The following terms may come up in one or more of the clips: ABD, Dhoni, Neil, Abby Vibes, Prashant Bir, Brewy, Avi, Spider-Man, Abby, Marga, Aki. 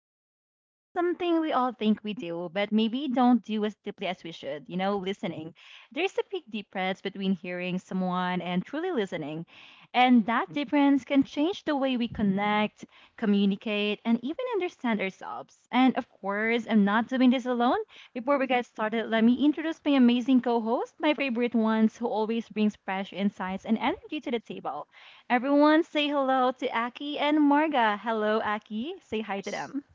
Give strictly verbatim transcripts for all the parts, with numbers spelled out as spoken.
we're diving into something we all think we do, but maybe don't do as deeply as we should. You know, listening. There's a big difference between hearing someone and truly listening. And that difference can change the way we connect, communicate, and even understand ourselves. And of course, I'm not doing this alone. Before we get started, let me introduce my amazing co host, my favorite ones, who always brings fresh insights and energy to the table. Everyone say hello to Aki and Marga. Hello, Aki. Say hi to them.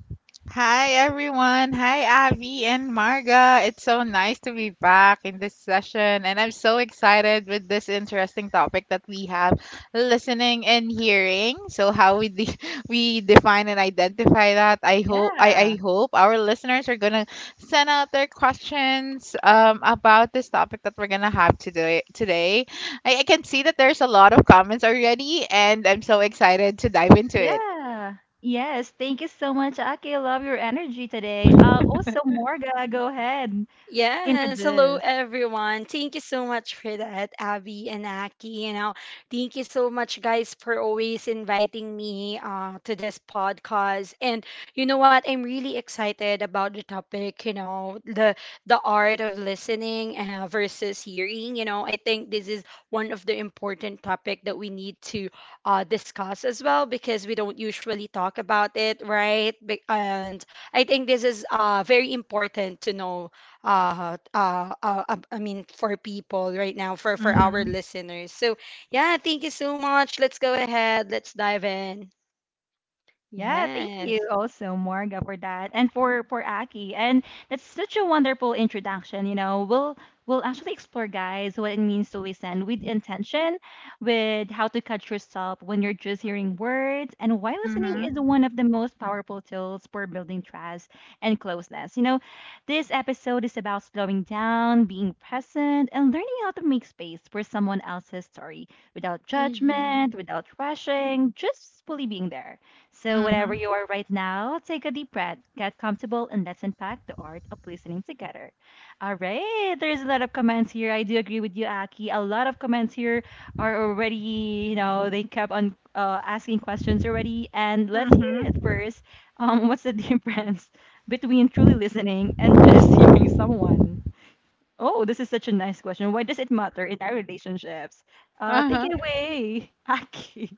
Hi everyone. Hi Avi and Marga. It's so nice to be back in this session, and I'm so excited with this interesting topic that we have: listening and hearing. So how we de- we define and identify that. I hope I, I Yeah. hope our listeners are going to send out their questions um, about this topic that we're going to have today today. I, I can see that there's a lot of comments already, and I'm so excited to dive into it. Yeah. Yes. Thank you so much, Aki. I love your energy today. Uh, also, Marga, go ahead. Yes, hello Introduce. everyone. Thank you so much for that, Abby and Aki. You know, thank you so much, guys, for always inviting me uh, to this podcast. And you know what? I'm really excited about the topic. You know, the the art of listening uh, versus hearing. You know, I think this is one of the important topic that we need to uh, discuss as well because we don't usually talk about it, right? Be- And I think this is uh, very important to know uh, uh, uh, uh, I mean, for people right now, for for our Mhm. listeners. So yeah, thank you so much. Let's go ahead. Let's dive in. Yeah, thank Yes. you also, Morga, for that, and for for Aki. And that's such a wonderful introduction. You know, we'll we'll actually explore, guys, what it means to listen with intention, with how to catch yourself when you're just hearing words, and why listening Mhm. is one of the most powerful tools for building trust and closeness. You know, this episode is about slowing down, being present, and learning how to make space for someone else's story without Mm-hmm. judgment, without rushing, just fully being there. So, whatever Mhm. you are right now, take a deep breath, get comfortable, and let's unpack the art of listening together. All right, there's a lot of comments here. I do agree with you, Aki. A lot of comments here are already, you know, they kept on uh, asking questions already. And let's hear it Mm-hmm. first. Um, what's the difference between truly listening and just hearing someone? Oh, this is such a nice question. Why does it matter in our relationships? Uh, take Uh-huh. it away, Aki.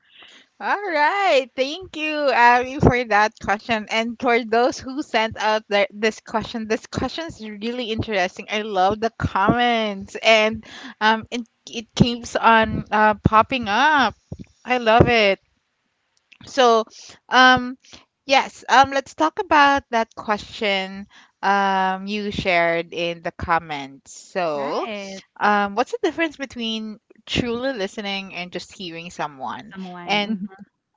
All right. Thank you, Abby, for that question. And for those who sent out their, this question, this question is really interesting. I love the comments, and um, it it keeps on uh, popping up. I love it. So, um, yes, um, let's talk about that question um, you shared in the comments. So, Right, um, what's the difference between truly listening and just hearing someone? someone. And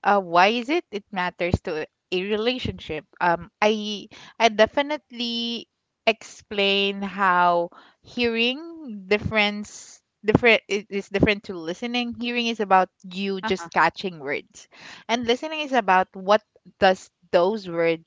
uh, why is it it matters to a relationship? Um, I I definitely explain how hearing difference different i- is different to listening. Hearing is about you Mhm. just catching words, and listening is about what does those words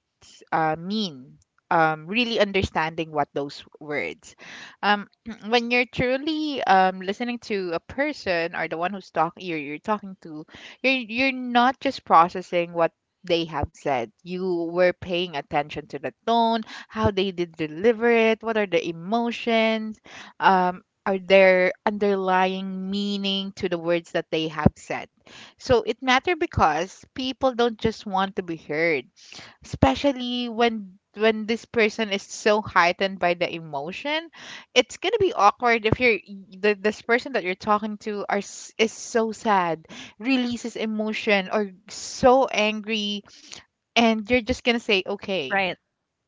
uh, mean, um, really understanding what those words. Um, when you're truly um, listening to a person or the one who's talking, you're, you're talking to, you're, you're not just processing what they have said. You were paying attention to the tone, how they did deliver it, what are the emotions, um, are there underlying meaning to the words that they have said. So it matter because people don't just want to be heard, especially when when this person is so heightened by the emotion. It's gonna be awkward if you're the, this person that you're talking to are s- is so sad, releases emotion or so angry, and you're just gonna say okay. Right.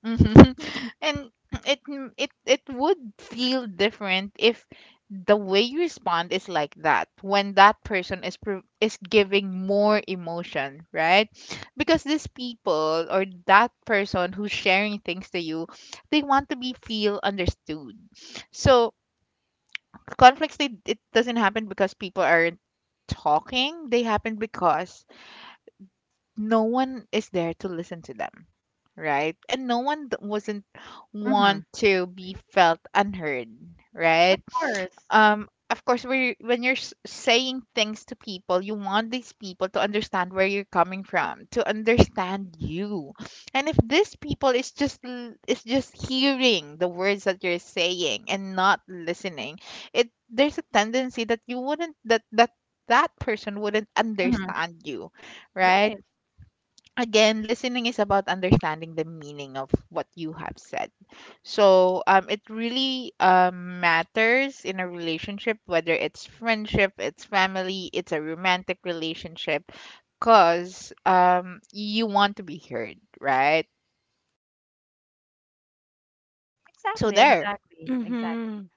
Mhm. And it m- it it would feel different if the way you respond is like that when that person is pro- is giving more emotion, right? Because these people or that person who's sharing things to you, they want to be feel understood. So conflicts they it doesn't happen because people aren't talking. They happen because no one is there to listen to them, right? And no one th- wasn't want Mhm. to be felt unheard, right? Of course. Um, of course we when you're s- saying things to people, you want these people to understand where you're coming from, to understand you. And if these people is just l- is just hearing the words that you're saying and not listening, it there's a tendency that you wouldn't that that that person wouldn't Mhm. understand you, right? Right. Again, listening is about understanding the meaning of what you have said. So um, it really um, matters in a relationship, whether it's friendship, it's family, it's a romantic relationship, because um, you want to be heard, right? So Exactly, there. exactly, exactly. Mm-hmm.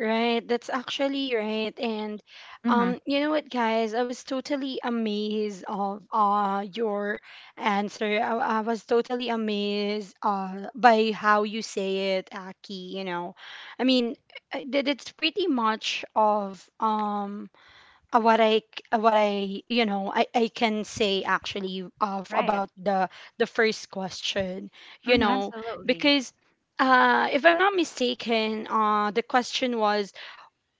Right. That's actually right. And Mhm. um, you know what, guys? I was totally amazed of uh your answer. I, I was totally amazed uh by how you say it, Aki, you know. I mean, uh, that it's pretty much of um uh, what I c- uh, what I you know I, I can say actually of Right. about the the first question, you Mm-hmm. know, Absolutely. because uh if I'm not mistaken, uh the question was,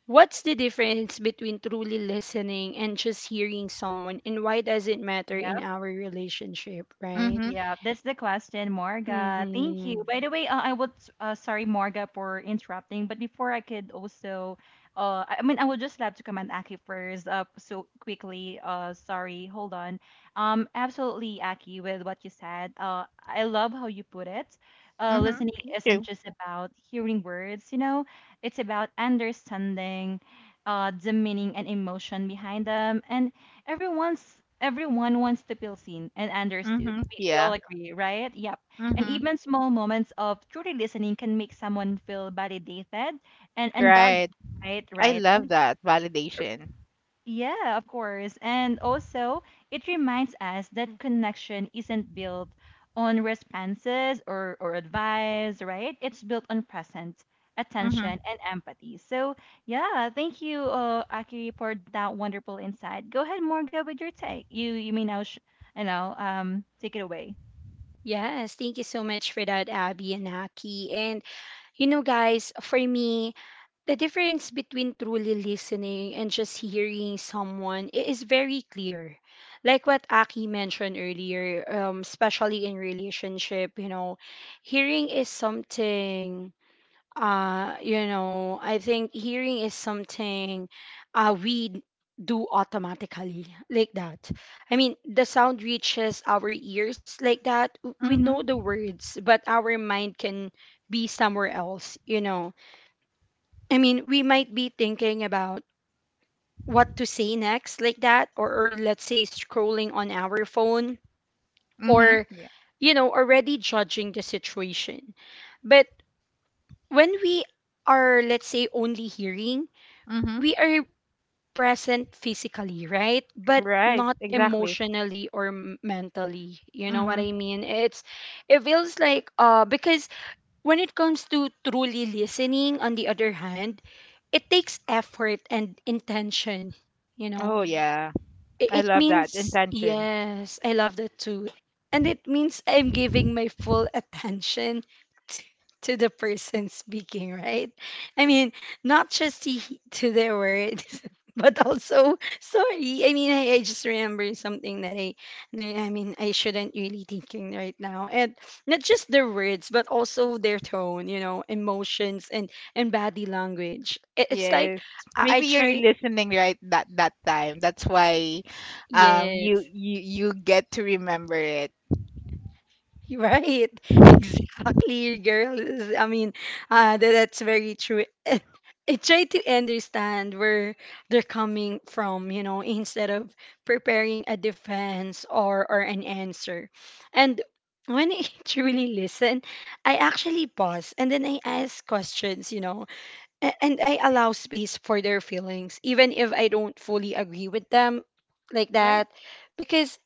what's the difference between truly listening and just hearing someone, and why does it matter in Yep. our relationship, right? Mm-hmm. Yeah, that's the question, Morga. Thank Mm-hmm. you. By the way, uh, I would uh, sorry, Morga, for interrupting. But before I could also, uh, I I mean, I would just love to comment Aki first. Uh, so quickly. Uh, sorry, hold on. Um, absolutely, Aki, with what you said. Uh, I love how you put it. Uh, Mm-hmm. Listening Thank isn't you. just about hearing words. You know, it's about understanding, uh, the meaning and emotion behind them, and Everyone's everyone wants to feel seen and understood. Mm-hmm. We, we all Yeah. agree, right? Yep. And Mm-hmm. even small moments of truly listening can make someone feel validated and and valued, Right. right? I Right. love And that validation. yeah, of course. And also, it reminds us that connection isn't built on responses or, or advice, right? It's built on present Mm-hmm. attention and empathy. So, yeah, thank you, uh, Aki, for that wonderful insight. Go ahead, Morga, with your take. You you may now, sh- you know, um, take it away. Yes, thank you so much for that, Abby and Aki. And you know, guys, for me, the difference between truly listening and just hearing someone i- is very clear. Like what Aki mentioned earlier, um, especially in relationship, you know, hearing is something, uh, you know, I think hearing is something uh, we do automatically, like that. I mean, the sound reaches our ears like that. W- We know the Mm-hmm. words, but our mind can be somewhere else, you know. I mean, we might be thinking about what to say next, like that, or, or let's say scrolling on our phone, Mm-hmm. or, Yeah. you know, already judging the situation. But when we are, let's say, only hearing, Mm-hmm. we are present physically, right? But Right. not Exactly. emotionally or m- mentally. You know what Mm-hmm. I mean? It's, it feels like, uh, because When it comes to truly listening, on the other hand, it takes effort and intention, you know. Oh, yeah. I- I It love that means, intention. yes, I love that too. And it means I'm giving my full attention to, to the person speaking, right? I mean, not just to, he- to their words, but also, sorry. I mean, I, I just remember something that I, no, I mean, I shouldn't really thinking right now. And not just their words, but also their tone, you know, emotions and, and body language. It, it's like Yes. I, I Maybe you're try, listening right that that time. That's why um you yes. you you get to remember it. Right. Exactly, girl. I mean, uh, that, that's very true. I try to understand where they're coming from, you know, instead of preparing a defense or, or an answer. And when I truly listen, I actually pause and then I ask questions, you know, a- and I allow space for their feelings, even if I don't fully agree with them like that. Right. Because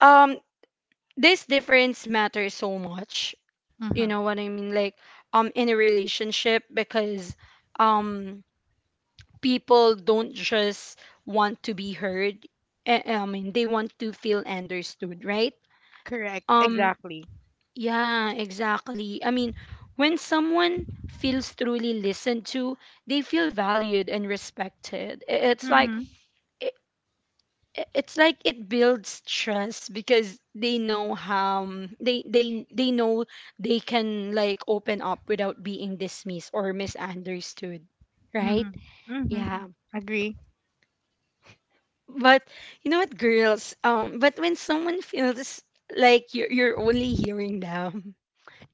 um, this difference matters so much, you Mhm. know what I mean? Like um in a relationship, because um people don't just want to be heard. eh, eh, I mean, they want to feel understood, right? Correct. um Exactly. yeah exactly, I mean, when someone feels truly listened to, they feel valued and respected. I- it's like Mhm. i- i- it's like it builds trust because they know how, um, they they they know they can like open up without being dismissed or misunderstood, right? Mhm. Mhm. Yeah. Agree. But you know what, girls, um but when someone feels like you're, you're only hearing them,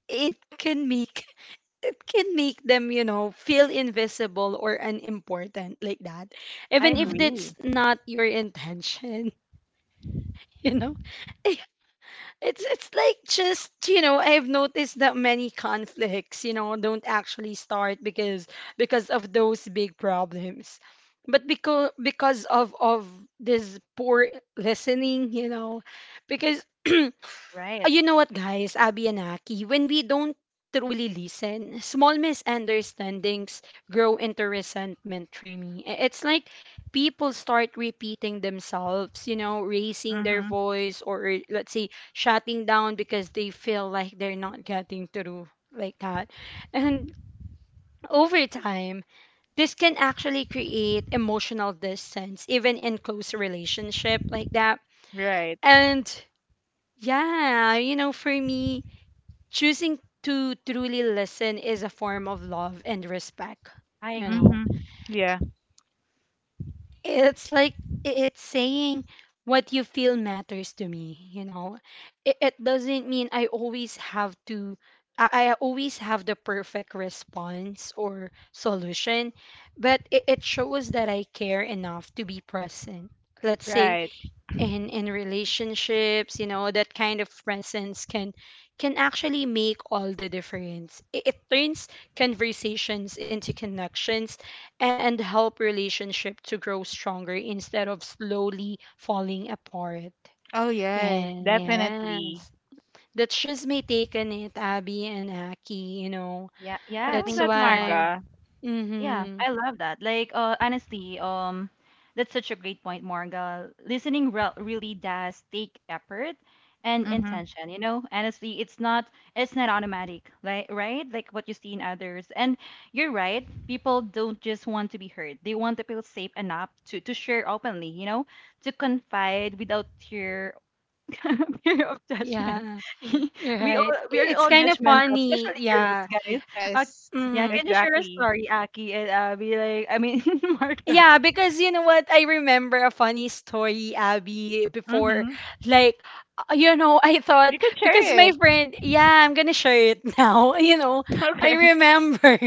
it can make it can make them, you know, feel invisible or unimportant, like that, I even if Mhm. that's agree. not your intention. You know. it's it's like, just, you know, I've noticed that many conflicts, you know, don't actually start because because of those big problems, but because because of of this poor listening, you know. Because Uh, Right. you know what, guys, Abby and Aki, when we don't truly listen, small Mhm. misunderstandings grow into resentment, Tremi. I- It's like people start repeating themselves, you know, raising their Mhm. voice, or let's say shutting down, because they feel like they're not getting through like that. And over time, this can actually create emotional distance, even in close relationship like that. Right. And yeah, you know, for me, choosing to truly listen is a form of love and respect, I you agree. know. Mhm. Yeah. It's like it's saying, what you feel matters to me, you know. it, it doesn't mean i always have to I, I always have the perfect response or solution, but it, it shows that I care enough to be present, let's say. Right. And in relationships, you know, that kind of presence can can actually make all the difference. it, it turns conversations into connections a- and help relationship to grow stronger instead of slowly falling apart. Oh yes, And definitely. yes, that's just my take on it, Abby and Aki, you know. Yeah. I Yeah. That's love Thank you that, so much. why Marga. Yeah, mm-hmm. I love that. Like, uh, honestly, um, that's such a great point, Marga. Listening re really does take effort and Mhm. intention, you know? Honestly, it's not it's not automatic, like right? Like what you see in others. And you're right, people don't just want to be heard. They want to feel safe enough to to share openly, you know, to confide without fear. Fear of judgment. Yeah, we right, all we are it's all kind of judgmental, funny. especially girls, Yeah. guys. Uh, Yes. yeah, Mm. can you share a Exactly. story, Aki? And uh, be like, I mean, Marga. Yeah, because you know what? I remember a funny story, Abby, before. Mhm. Like, uh, you know, I You thought, can because share my it. friend, yeah, I'm gonna share it now. You know, I Okay. remember.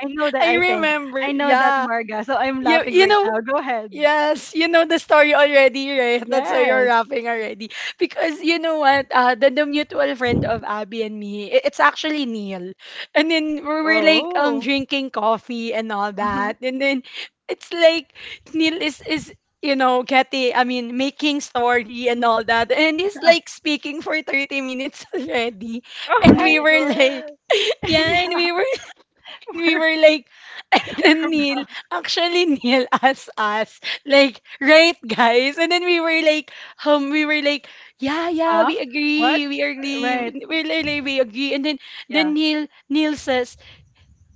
I know that. I I think remember. I know that, Yeah. Marga. So I'm You, laughing you right know, now. Go ahead. yes, you know the story already, right? That's why you're Yes. laughing already. Because you know what? Uh, the, the mutual friend of Abby and me, i- it's actually Neil. And then we were like um Oh. drinking coffee and all Mhm. that. And then it's like Neil is is you know, getting I mean making story and all that. And he's Yeah. like speaking for thirty minutes already. Oh And we my Right. were like, god. yeah, and Yeah. we were we We're were like, and then we're Neil, actually Neil asked us, like, right guys? And then we were like, um, we were like, yeah, yeah, huh? we What? agree, we Right. agree, we, we, we agree. And then then Yeah. Neil Neil says,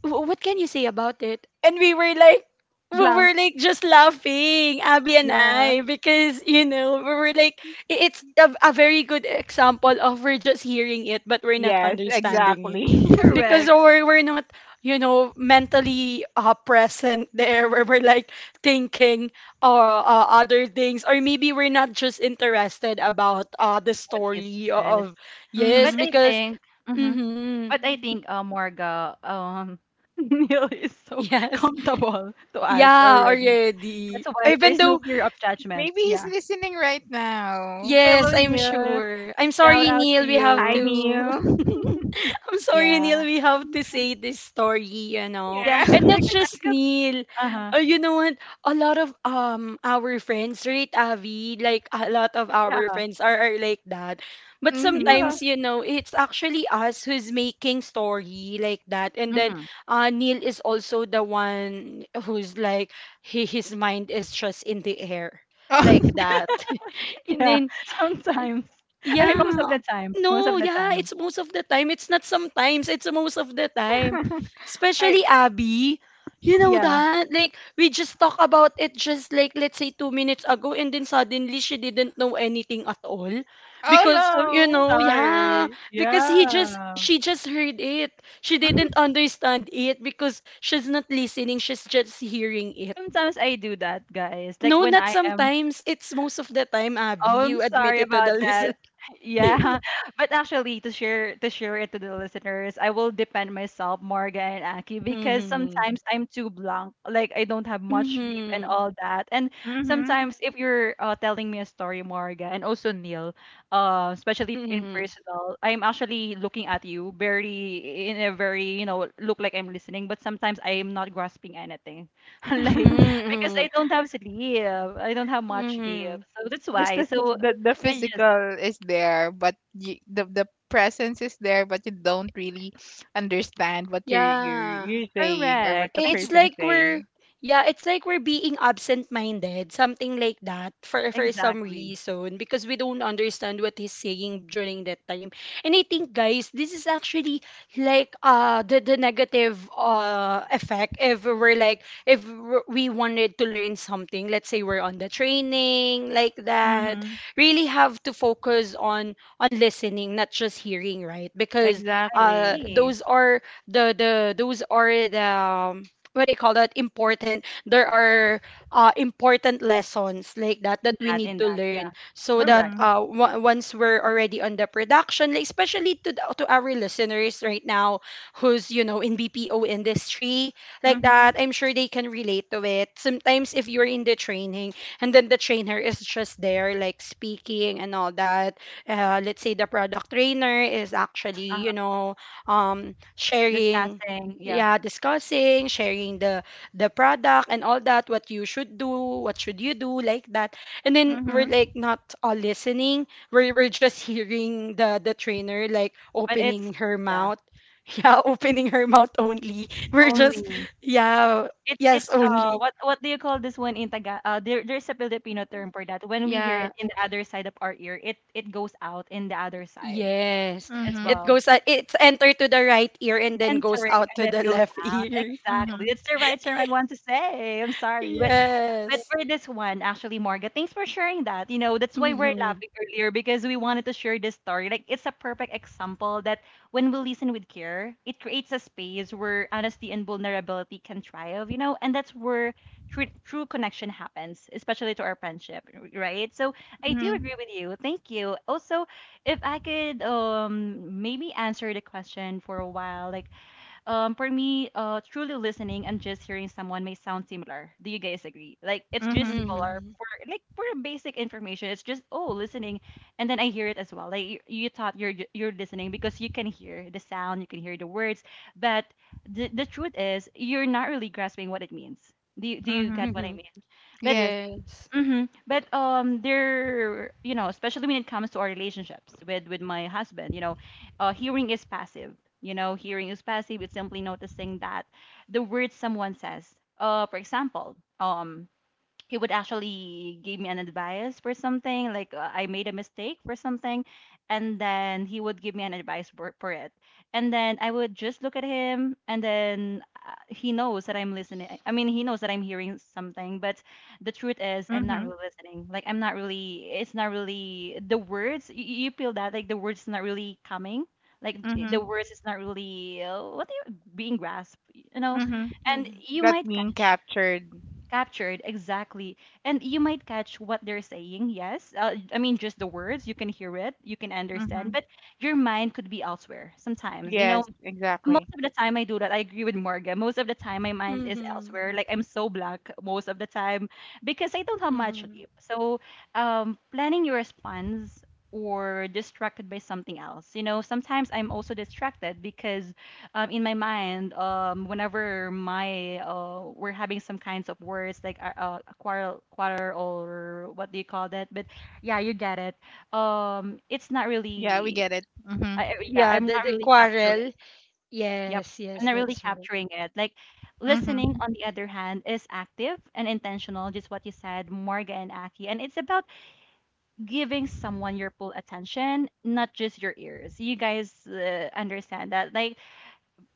"Wh- what can you say about it?" And we were like, we Blank. were like just laughing, Abby and Yeah. I, because, you know, we were like, i- it's a, a very good example of we're just hearing it, but we're not Yes, understanding it. exactly. Because Correct. we're, we're not, you know, mentally uh, present there, where we're like thinking or uh, uh, other things, or maybe we're not just interested about uh, the What he story says. of, yes, But Mm-hmm. I because think. Mm-hmm. mm-hmm, But I think, uh, Morga, um, Neil is so yes. comfortable to us Yeah, already. already. That's why Even there's no though, fear of judgment. Maybe he's Yeah. listening right now. yes, Hello, I'm Neil. sure. I'm Shout sorry, out to Neil. We have Hi, you. to. Neil. I'm sorry, Yeah. Neil. We have to say this story, you know. Yeah. And Yeah. not Because I just could. Neil. Uh huh. Uh, you know what? A lot of um our friends, right, Avi? Like a lot of our Yeah. friends are, are like that. But Mm-hmm. Yeah. sometimes, you know, it's actually us who's making story like that. And then Mm-hmm. uh, Neil is also the one who's like he, his mind is just in the air. Like Oh, that. And Yeah. then Sometimes. I mean, most of yeah. the time. Most of No, the yeah, time. it's most of the time. It's not sometimes, it's most of the time. I, Especially Abby. You know Yeah. that? Like, we just talk about it just like, let's say, two minutes ago, and then suddenly she didn't know anything at all. oh Because, I'm you no. know, yeah, sorry. because he just, Yeah. she just heard it. She didn't understand it because she's not listening, she's just hearing it. Sometimes I do that, guys. Like No, when not I am sometimes. It's most of the time, Abby. Oh, I'm You sorry admitted to about the that. listener. Yeah, but actually, to share to share it to the listeners, I will defend myself, Morga and Aki, because sometimes I'm too blank, like I don't have much sleep and Mhm. all that. And Mm-hmm. sometimes, if you're uh, telling me a story, Morga, and also Neil, uh, especially in Mhm. personal, I'm actually looking at you very in a very you know look like I'm listening, but sometimes I am not grasping anything. Like because Mm. I don't have sleep. I don't have much sleep. Mhm. So that's Just why. the, So the the I just physical is there, but you, the the presence is there, but you don't really understand what you're you're Yeah. you're saying, or what correct. the That's it's w- person is like we're saying. yeah, it's like we're being absent-minded, something like that, for for some Exactly. reason, because we don't understand what he's saying during that time. And I think, guys, this is actually like uh the the negative uh effect if we're like, if w- we wanted to learn something, let's say we're on the training like that, Mm-hmm. really have to focus on on listening, not just hearing, right? Because uh Exactly. Agree. those are the the those are the um, what do you call that, important, there are uh, important lessons like that In that we that, need in to that. Yeah. learn so that Correct. Mm-hmm. uh, w- once we're already on the production, like especially to, the, to our listeners right now who's you know in bpo industry like Mm-hmm. that, I'm sure they can relate to it. Sometimes if you're in the training and then the trainer is just there like speaking and all that, uh, let's say the product trainer is actually, you Uh-huh. know, um, sharing, Discussing. Yeah. yeah, discussing, sharing the the product and all that, what you should do, what should you do, like that, and then we're Mm-hmm. like not all listening, we're, we're just hearing the the trainer like But it's opening her yeah, mouth, yeah, opening her mouth only, we're just only yeah, it's yes it's uh only what what do you call this one in Taga uh there there's a Filipino term for that. When we hear yeah. it in the other side of our ear, it it goes out in the other side Yes. as It Mhm, well. goes at it's enter to the right ear and then goes Entering out and to then the goes left out. ear. Exactly. mhm, It's the right term I want to say. I'm sorry. But but Yes. for this one, actually, Marga, thanks for sharing that. You know, that's why we're Mm-hmm. laughing earlier because we wanted to share this story. Like, it's a perfect example that when we listen with care, it creates a space where honesty and vulnerability can thrive, you know, and that's where true, true connection happens, especially to our friendship, r- right? So I do mhm, agree with you. Thank you. Also, if I could um maybe answer the question for a while, like, um, for me, uh, truly listening and just hearing someone may sound similar. Do you guys agree? Like it's just mhm, similar Mm-hmm. for like for a basic information. It's just oh listening, and then I hear it as well. Like you, you thought you're ju- you're listening because you can hear the sound, you can hear the words, but the the truth is you're not really grasping what it means. Do you, do you get what mhm. I Mm-hmm. mean? But Yes. Yes. hmm But um, there, you know, especially when it comes to our relationships with with my husband, you know, uh, hearing is passive. You know, hearing is passive. It's simply noticing that the words someone says. Uh, for example, um, he would actually give me an advice for something like uh, I made a mistake for something, and then he would give me an advice for, for it. And then I would just look at him and then uh, he knows that I'm listening. I mean, he knows that I'm hearing something, but the truth is I'm not Mhm, really listening. Like I'm not really it's not really the words. You, you feel that like the words not really coming like eh, the mhm, words is not really uh, what do you being grasped, you know, mhm. and Mhm. you That might being catch captured. captured exactly. And you might catch what they're saying, yes, uh, I mean just the words you can hear it, you can understand, Mhm. but your mind could be elsewhere sometimes, you know. Yes, Most exactly. of the time I do that. I agree with Morgan. Most of the time my mind is elsewhere. Mhm. Like I'm so blank most of the time because I don't have much Mhm. sleep. So um planning your response or distracted by something else. You know, sometimes I'm also distracted because um in my mind um whenever my uh we're having some kinds of words like uh, uh, a quarrel quarrel, or what do you call that? But yeah, you get it. Um it's not Yeah, we really get it. Mhm, I, I- yeah, Yeah, I'm the, not the really capturing. quarrel. Yep. Yes, I'm not yes, really that's right. capturing it. Like listening, mhm, on the other hand, is active and intentional, just what you said, Morga and Aki. And it's about giving someone your full attention, not just your ears. You guys uh, understand that. Like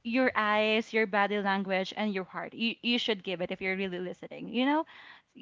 your eyes, your body language, and your heart. You, you should give it if you're really listening, you know?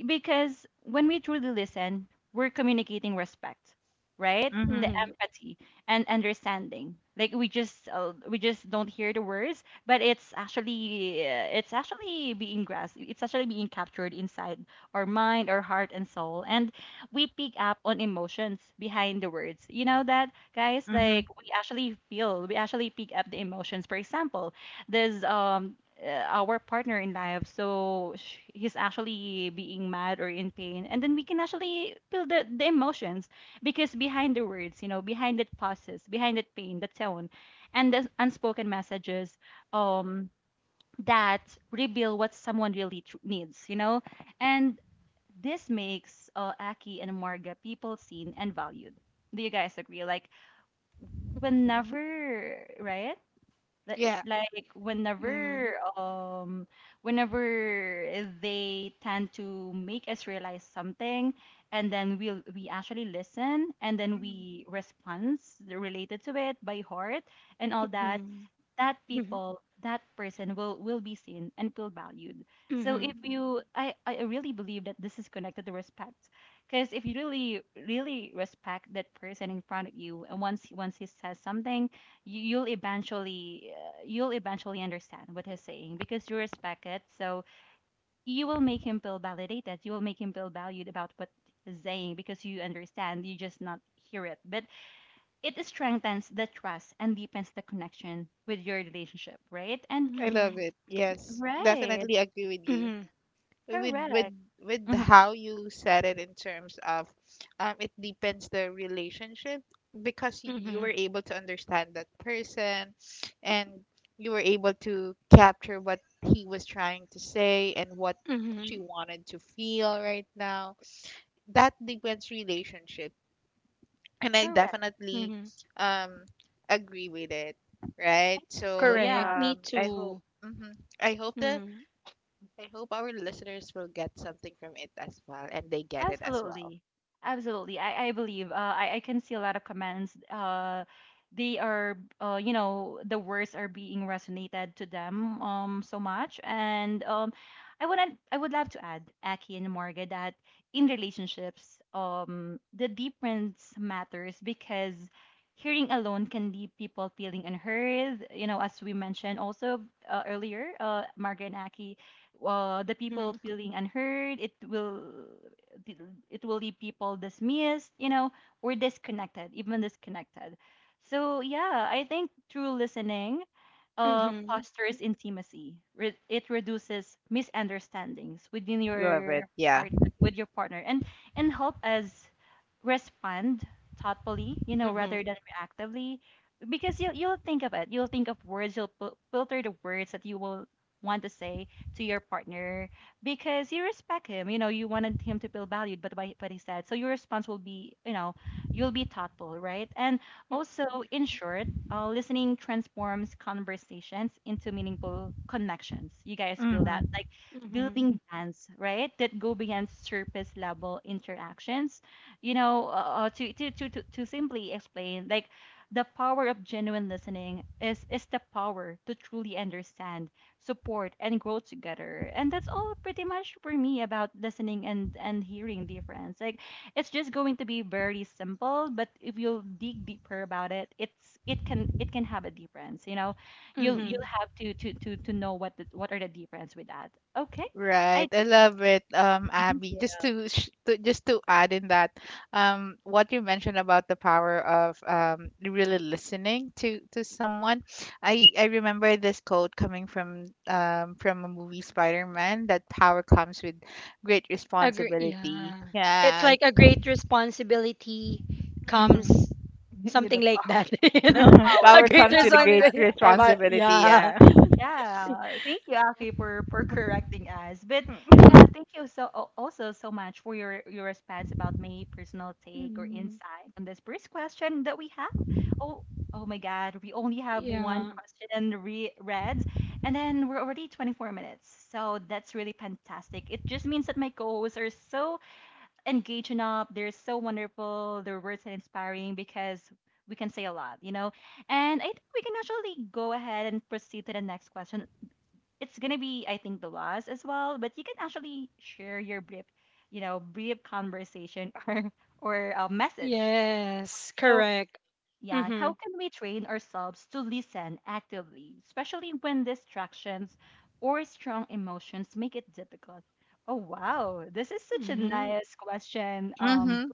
Because when we truly listen, we're communicating respect, right? The mhm, Mm-hmm. empathy and understanding. Like we just uh, we just don't hear the words, but it's actually uh, it's actually being grasped. It's actually being captured inside our mind, our heart, and soul, and we pick up on emotions behind the words. You know that, guys? mhm. Like we actually feel, we actually pick up the emotions. For example, there's um uh, our partner in life, so sh- he's actually being mad or in pain, and then we can actually feel the, the emotions, because behind the words, you know behind that pauses, behind that pain, the tone, and the unspoken messages um that reveal what someone really tr- needs, you know and this makes uh, Aki and Marga people seen and valued. Do you guys agree, like whenever, right? like Yeah. like Mhm. whenever, um whenever they tend to make us realize something, and then we will we actually listen, and then Mhm, we response related to it by heart, and all that, Mhm. that Mhm. people that person will will be seen and feel valued. So if Mhm. mhm. you i i really believe that this is connected to respect, because if you really really respect that person in front of you, and once once he says something, you, you'll eventually uh, you'll eventually understand what he's saying because you respect it. So you will make him feel validated. You will make him feel valued about what he's saying, because you understand, you just not hear it, but it strengthens the trust and deepens the connection with your relationship, right? And I love Mhm. it. Yes, right, definitely agree with you. Mhm. with with correct. with Hmm. how you said it in terms of um, it depends the relationship, because y- you were Mhm. able to understand that person, and you were able to capture what he was trying to say and what Mhm. she wanted to feel right now, that depends relationship. And I Correct. definitely Mhm. um agree with it, right? Thank you. So Correct. Yeah. Me um I hope too. mhm. i hope the Mhm. I hope our listeners will get something from it as well, and they get it as well. Absolutely. Absolutely. I, I believe uh, I, I can see a lot of comments. Uh, they are, uh, you know, the words are being resonated to them, um, so much. And um, I would, I would love to add, Aki and Marga, that in relationships, um, the difference matters, because hearing alone can leave people feeling unheard. You know, as we mentioned also uh, earlier, uh, Marga and Aki, uh, the people Mhm. feeling unheard, it will th- it will leave people dismissed, you know, or disconnected, even disconnected. So yeah, I think through listening, uh, Mhm. fosters intimacy. Re- it reduces misunderstandings within Love it. your Yeah. partner, with your partner, and and help us respond thoughtfully, you know, rather Mhm. than reactively, because you will you'll think of it. You'll think of words. You'll pil- filter the words that you will want to say to your partner because you respect him. You know, you wanted him to feel valued, but by what he said, so your response will be, you know, you'll be thoughtful, right? And also, in short, uh, listening transforms conversations into meaningful connections. You guys feel that? Mm-hmm. Like Mhm. building bonds, right? That go beyond surface level interactions. You know, uh, uh, to, to, to, to, to simply explain, like the power of genuine listening is, is the power to truly understand, support, and grow together. And that's all pretty much for me about listening and, and hearing difference. Like, it's just going to be very simple, but if you dig deeper about it, it's it can it can have a difference, you know. You'll you'll Mhm. have to to to, to know what the, what are the difference with that. Okay. I Right. I think love it, um, thank Abby. you. Just to, sh- to just to add in that, um, what you mentioned about the power of um, really listening to to someone. I I remember this quote coming from um from a movie Spider-Man, that power comes with great Agree. responsibility. Yeah. It's Yeah. like a great responsibility Mm-hmm. comes with something the like power that, you with know? the power. A Power great comes with a great responsibility. responsibility. Yeah. Yeah. Yeah, thank you, Aki, for for correcting us. But hmm yeah, thank you so al- also so much for your your response about my personal take or hmm insight on this first question that we have. Oh, oh my God, we only have one Yeah. question re read, and then we're already twenty-four minutes. So that's really fantastic. It just means that my co-hosts are so engaging up. They're so wonderful. Their words are inspiring because we can say a lot, you know. And I think we can actually go ahead and proceed to the next question. It's gonna be, I think, the last as well. But you can actually share your brief, you know, brief conversation or or a message. Yes. So Correct. yeah, Mm-hmm. how can we train ourselves to listen actively, especially when distractions or strong emotions make it difficult? Oh wow, this is such a Mm-hmm. nice question, um, Mm-hmm.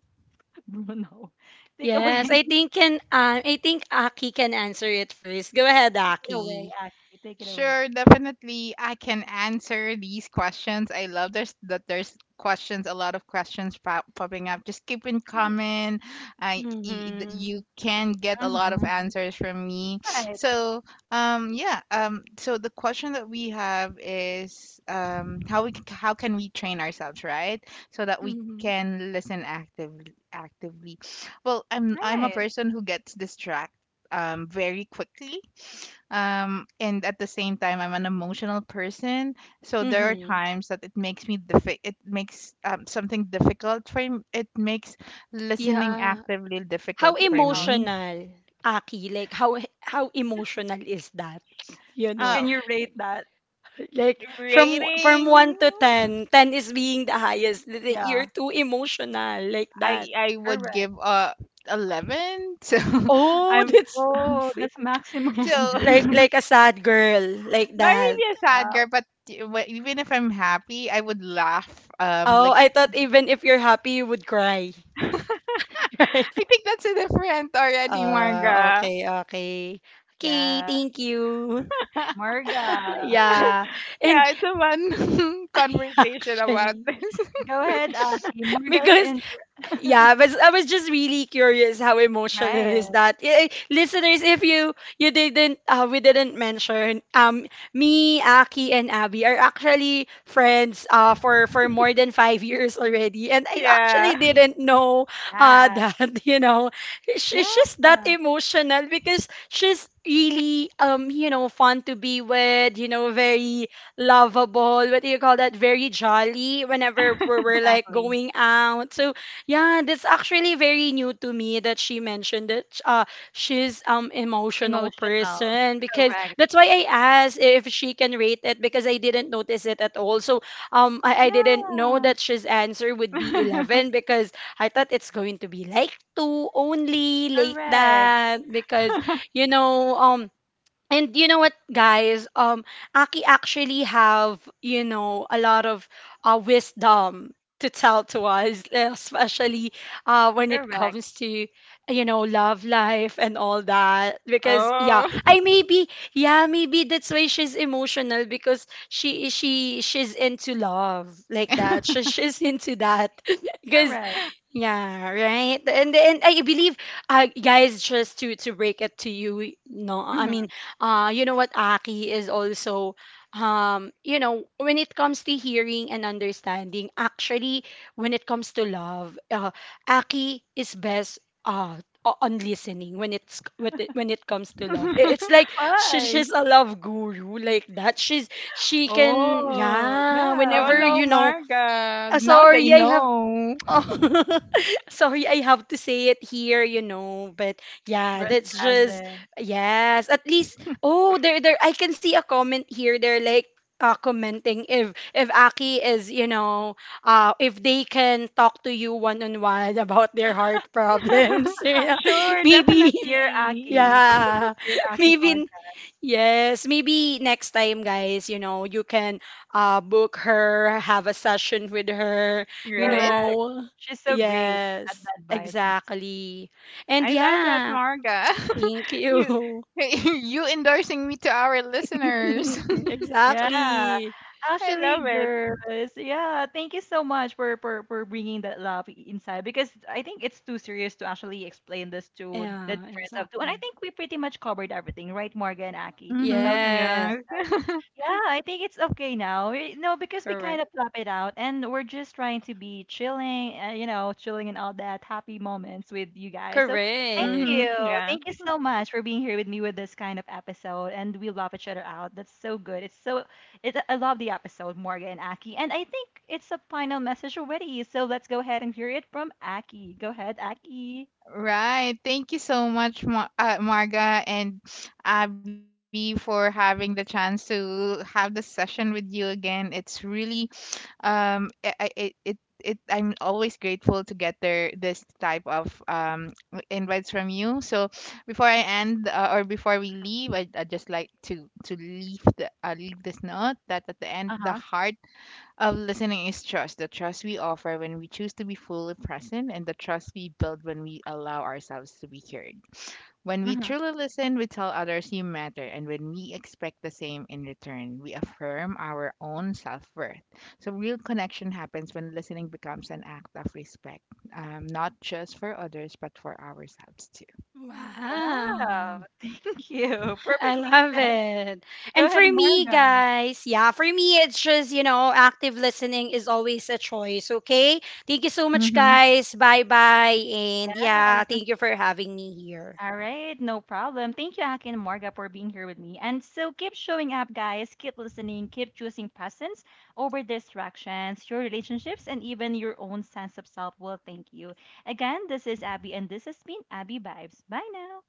Bruno. Take away, Yes. I think can um, I think Aki can answer it first. Go ahead, take it away, Aki. Aki, take it away. Sure, definitely. I can answer these questions. I love there's that there's questions, a lot of questions pop, popping up. Just keep in coming. I y- y- Mm-hmm. you can get a lot of Mhm. answers from me. Right, So um yeah um so the question that we have is um how we c- how can we train ourselves, right, so that we Mm-hmm. can listen actively actively. Well, I'm I'm a right. person who gets distracted um very quickly, um, and at the same time I'm an emotional person, so there are Mm-hmm. times that it makes me diffi- it makes um, something difficult for m- it makes listening Yeah. actively difficult How for Difficult. me. emotional, Aki? Like how how emotional is that? You know, Can uh you rate that? like from from one Rating, to ten, ten is being the highest. Like, Yeah, you're too emotional like i that. i would correct. give a eleven. So Oh, I'm that's Oh, so, that's maximum. so like not like a sad girl like that. really a sad Yeah. girl, but e- wh- even if I'm happy I would laugh, um, Oh, like I thought even if you're happy, you would cry. I Right? think that's a different already, Uh, Marga. okay, okay. Okay, Yeah. thank you. Yeah, Marga. Yeah. And it's a fun I conversation about actually, this. Go ahead, Aki. Marga is because inter Yeah, but I was just really curious how emotional Right. is that. Eh, eh, Listeners, if you you didn't uh, we didn't mention um me, Aki and Abby are actually friends uh for for more than five years already and I actually Yeah. didn't know uh Yeah. that, you know. She, Yeah. she's that emotional because she's really um you know fun to be with, you know, very lovable, what do you call that? Very jolly whenever we're, we're like Exactly. going out. So yeah, that's actually very new to me that she mentioned that uh she's um emotional Emotional. person because Correct. that's why I asked if she can rate it because I didn't notice it at all. So um I, I didn't know Yeah. that she's answer would be eleven because I thought it's going to be like two only like Correct. that because you know um and you know what, guys? Um, Aki actually have you know a lot of uh, wisdom to tell to us, especially uh, when it Correct. comes to you know love life and all that. Because yeah, Oh. I maybe yeah maybe that's why she's emotional because she she she's into love like that. She, she's into that because Correct. yeah, right. And and I believe, uh, guys, just to to break it to you, no, I mean, Hmm. uh, you know what, Aki is also, um, you know, when it comes to hearing and understanding, actually, when it comes to love, uh, Aki is best, uh, o- on listening when it's with it, when it comes to love. I- It's like she, Why? she's a love guru like that. She's she can, Oh, yeah. Oh Whenever yeah. no, you know, Marga. uh, Now they sorry, I have know. Oh, sorry, I have to say it here, you know, but yeah, Brett that's just Kazin. yes. At least oh, there there I can see a comment here. They're like uh, commenting if if Aki is, you know, uh if they can talk to you one on one about their heart problems, you know, Sure, maybe Dear definitely. Aki. yeah. Dear Aki Maybe podcast. yes, maybe next time, guys, you know, you can uh book her, have a session with her, you Right? Correct. know. She's so great Yes, at the advices. exactly. And I love that, yeah, Marga. thank You you. you endorsing me to our listeners. Yeah, Exactly. I actually, love it. girls. Yeah, thank you so much for for for bringing that love inside, because I think it's too serious to actually explain this to the Yeah, difference of two. And I exactly. think we pretty much covered everything, right, Morgan and Aki, about the Mhm. Yes, Yeah. differences. Yeah, I think it's okay now. We- No, because we kind correct. of plop it out, and we're just trying to be chilling, uh, you know, chilling and all that happy moments with you guys. So thank Correct. Mhm. you. Yeah. Thank you so much for being here with me with this kind of episode. And we love each other out. That's so good. It's so, it, I love the episode, Morgan and Aki. And I think it's a final message already. So let's go ahead and hear it from Aki. Go ahead, Aki. Right. Thank you so much, Ma- uh, Marga and Abby, for having the chance to have this session with you again. It's really um, I, I, it it it I'm always grateful to get there this type of um invites from you. So before I end uh, or before we leave, I I just like to to leave the uh, leave this note that at the Uh end huh. the heart of listening is trust, the trust we offer when we choose to be fully present, and the trust we build when we allow ourselves to be heard. When we Hmm. truly listen, we tell others you matter, and when we expect the same in return, we affirm our own self worth. So, real connection happens when listening becomes an act of respect, um, not just for others, but for ourselves Wow. Wow. Thank you. I Perfectly love said. it. Go And for ahead, me, Morgan. guys, yeah, for me, it's just, you know, active listening is always a choice, okay? Thank you so much, too. guys. Bye bye. And yeah, Yeah. thank you for having me here. All right, no problem. Thank you, Aki and Morga, for being here with me. And so keep showing up, guys. Keep listening. Keep choosing presence over distractions. Your relationships and even your own sense of self will thank you. Again, this is Abby, and this has been Abby Vibes. Bye now.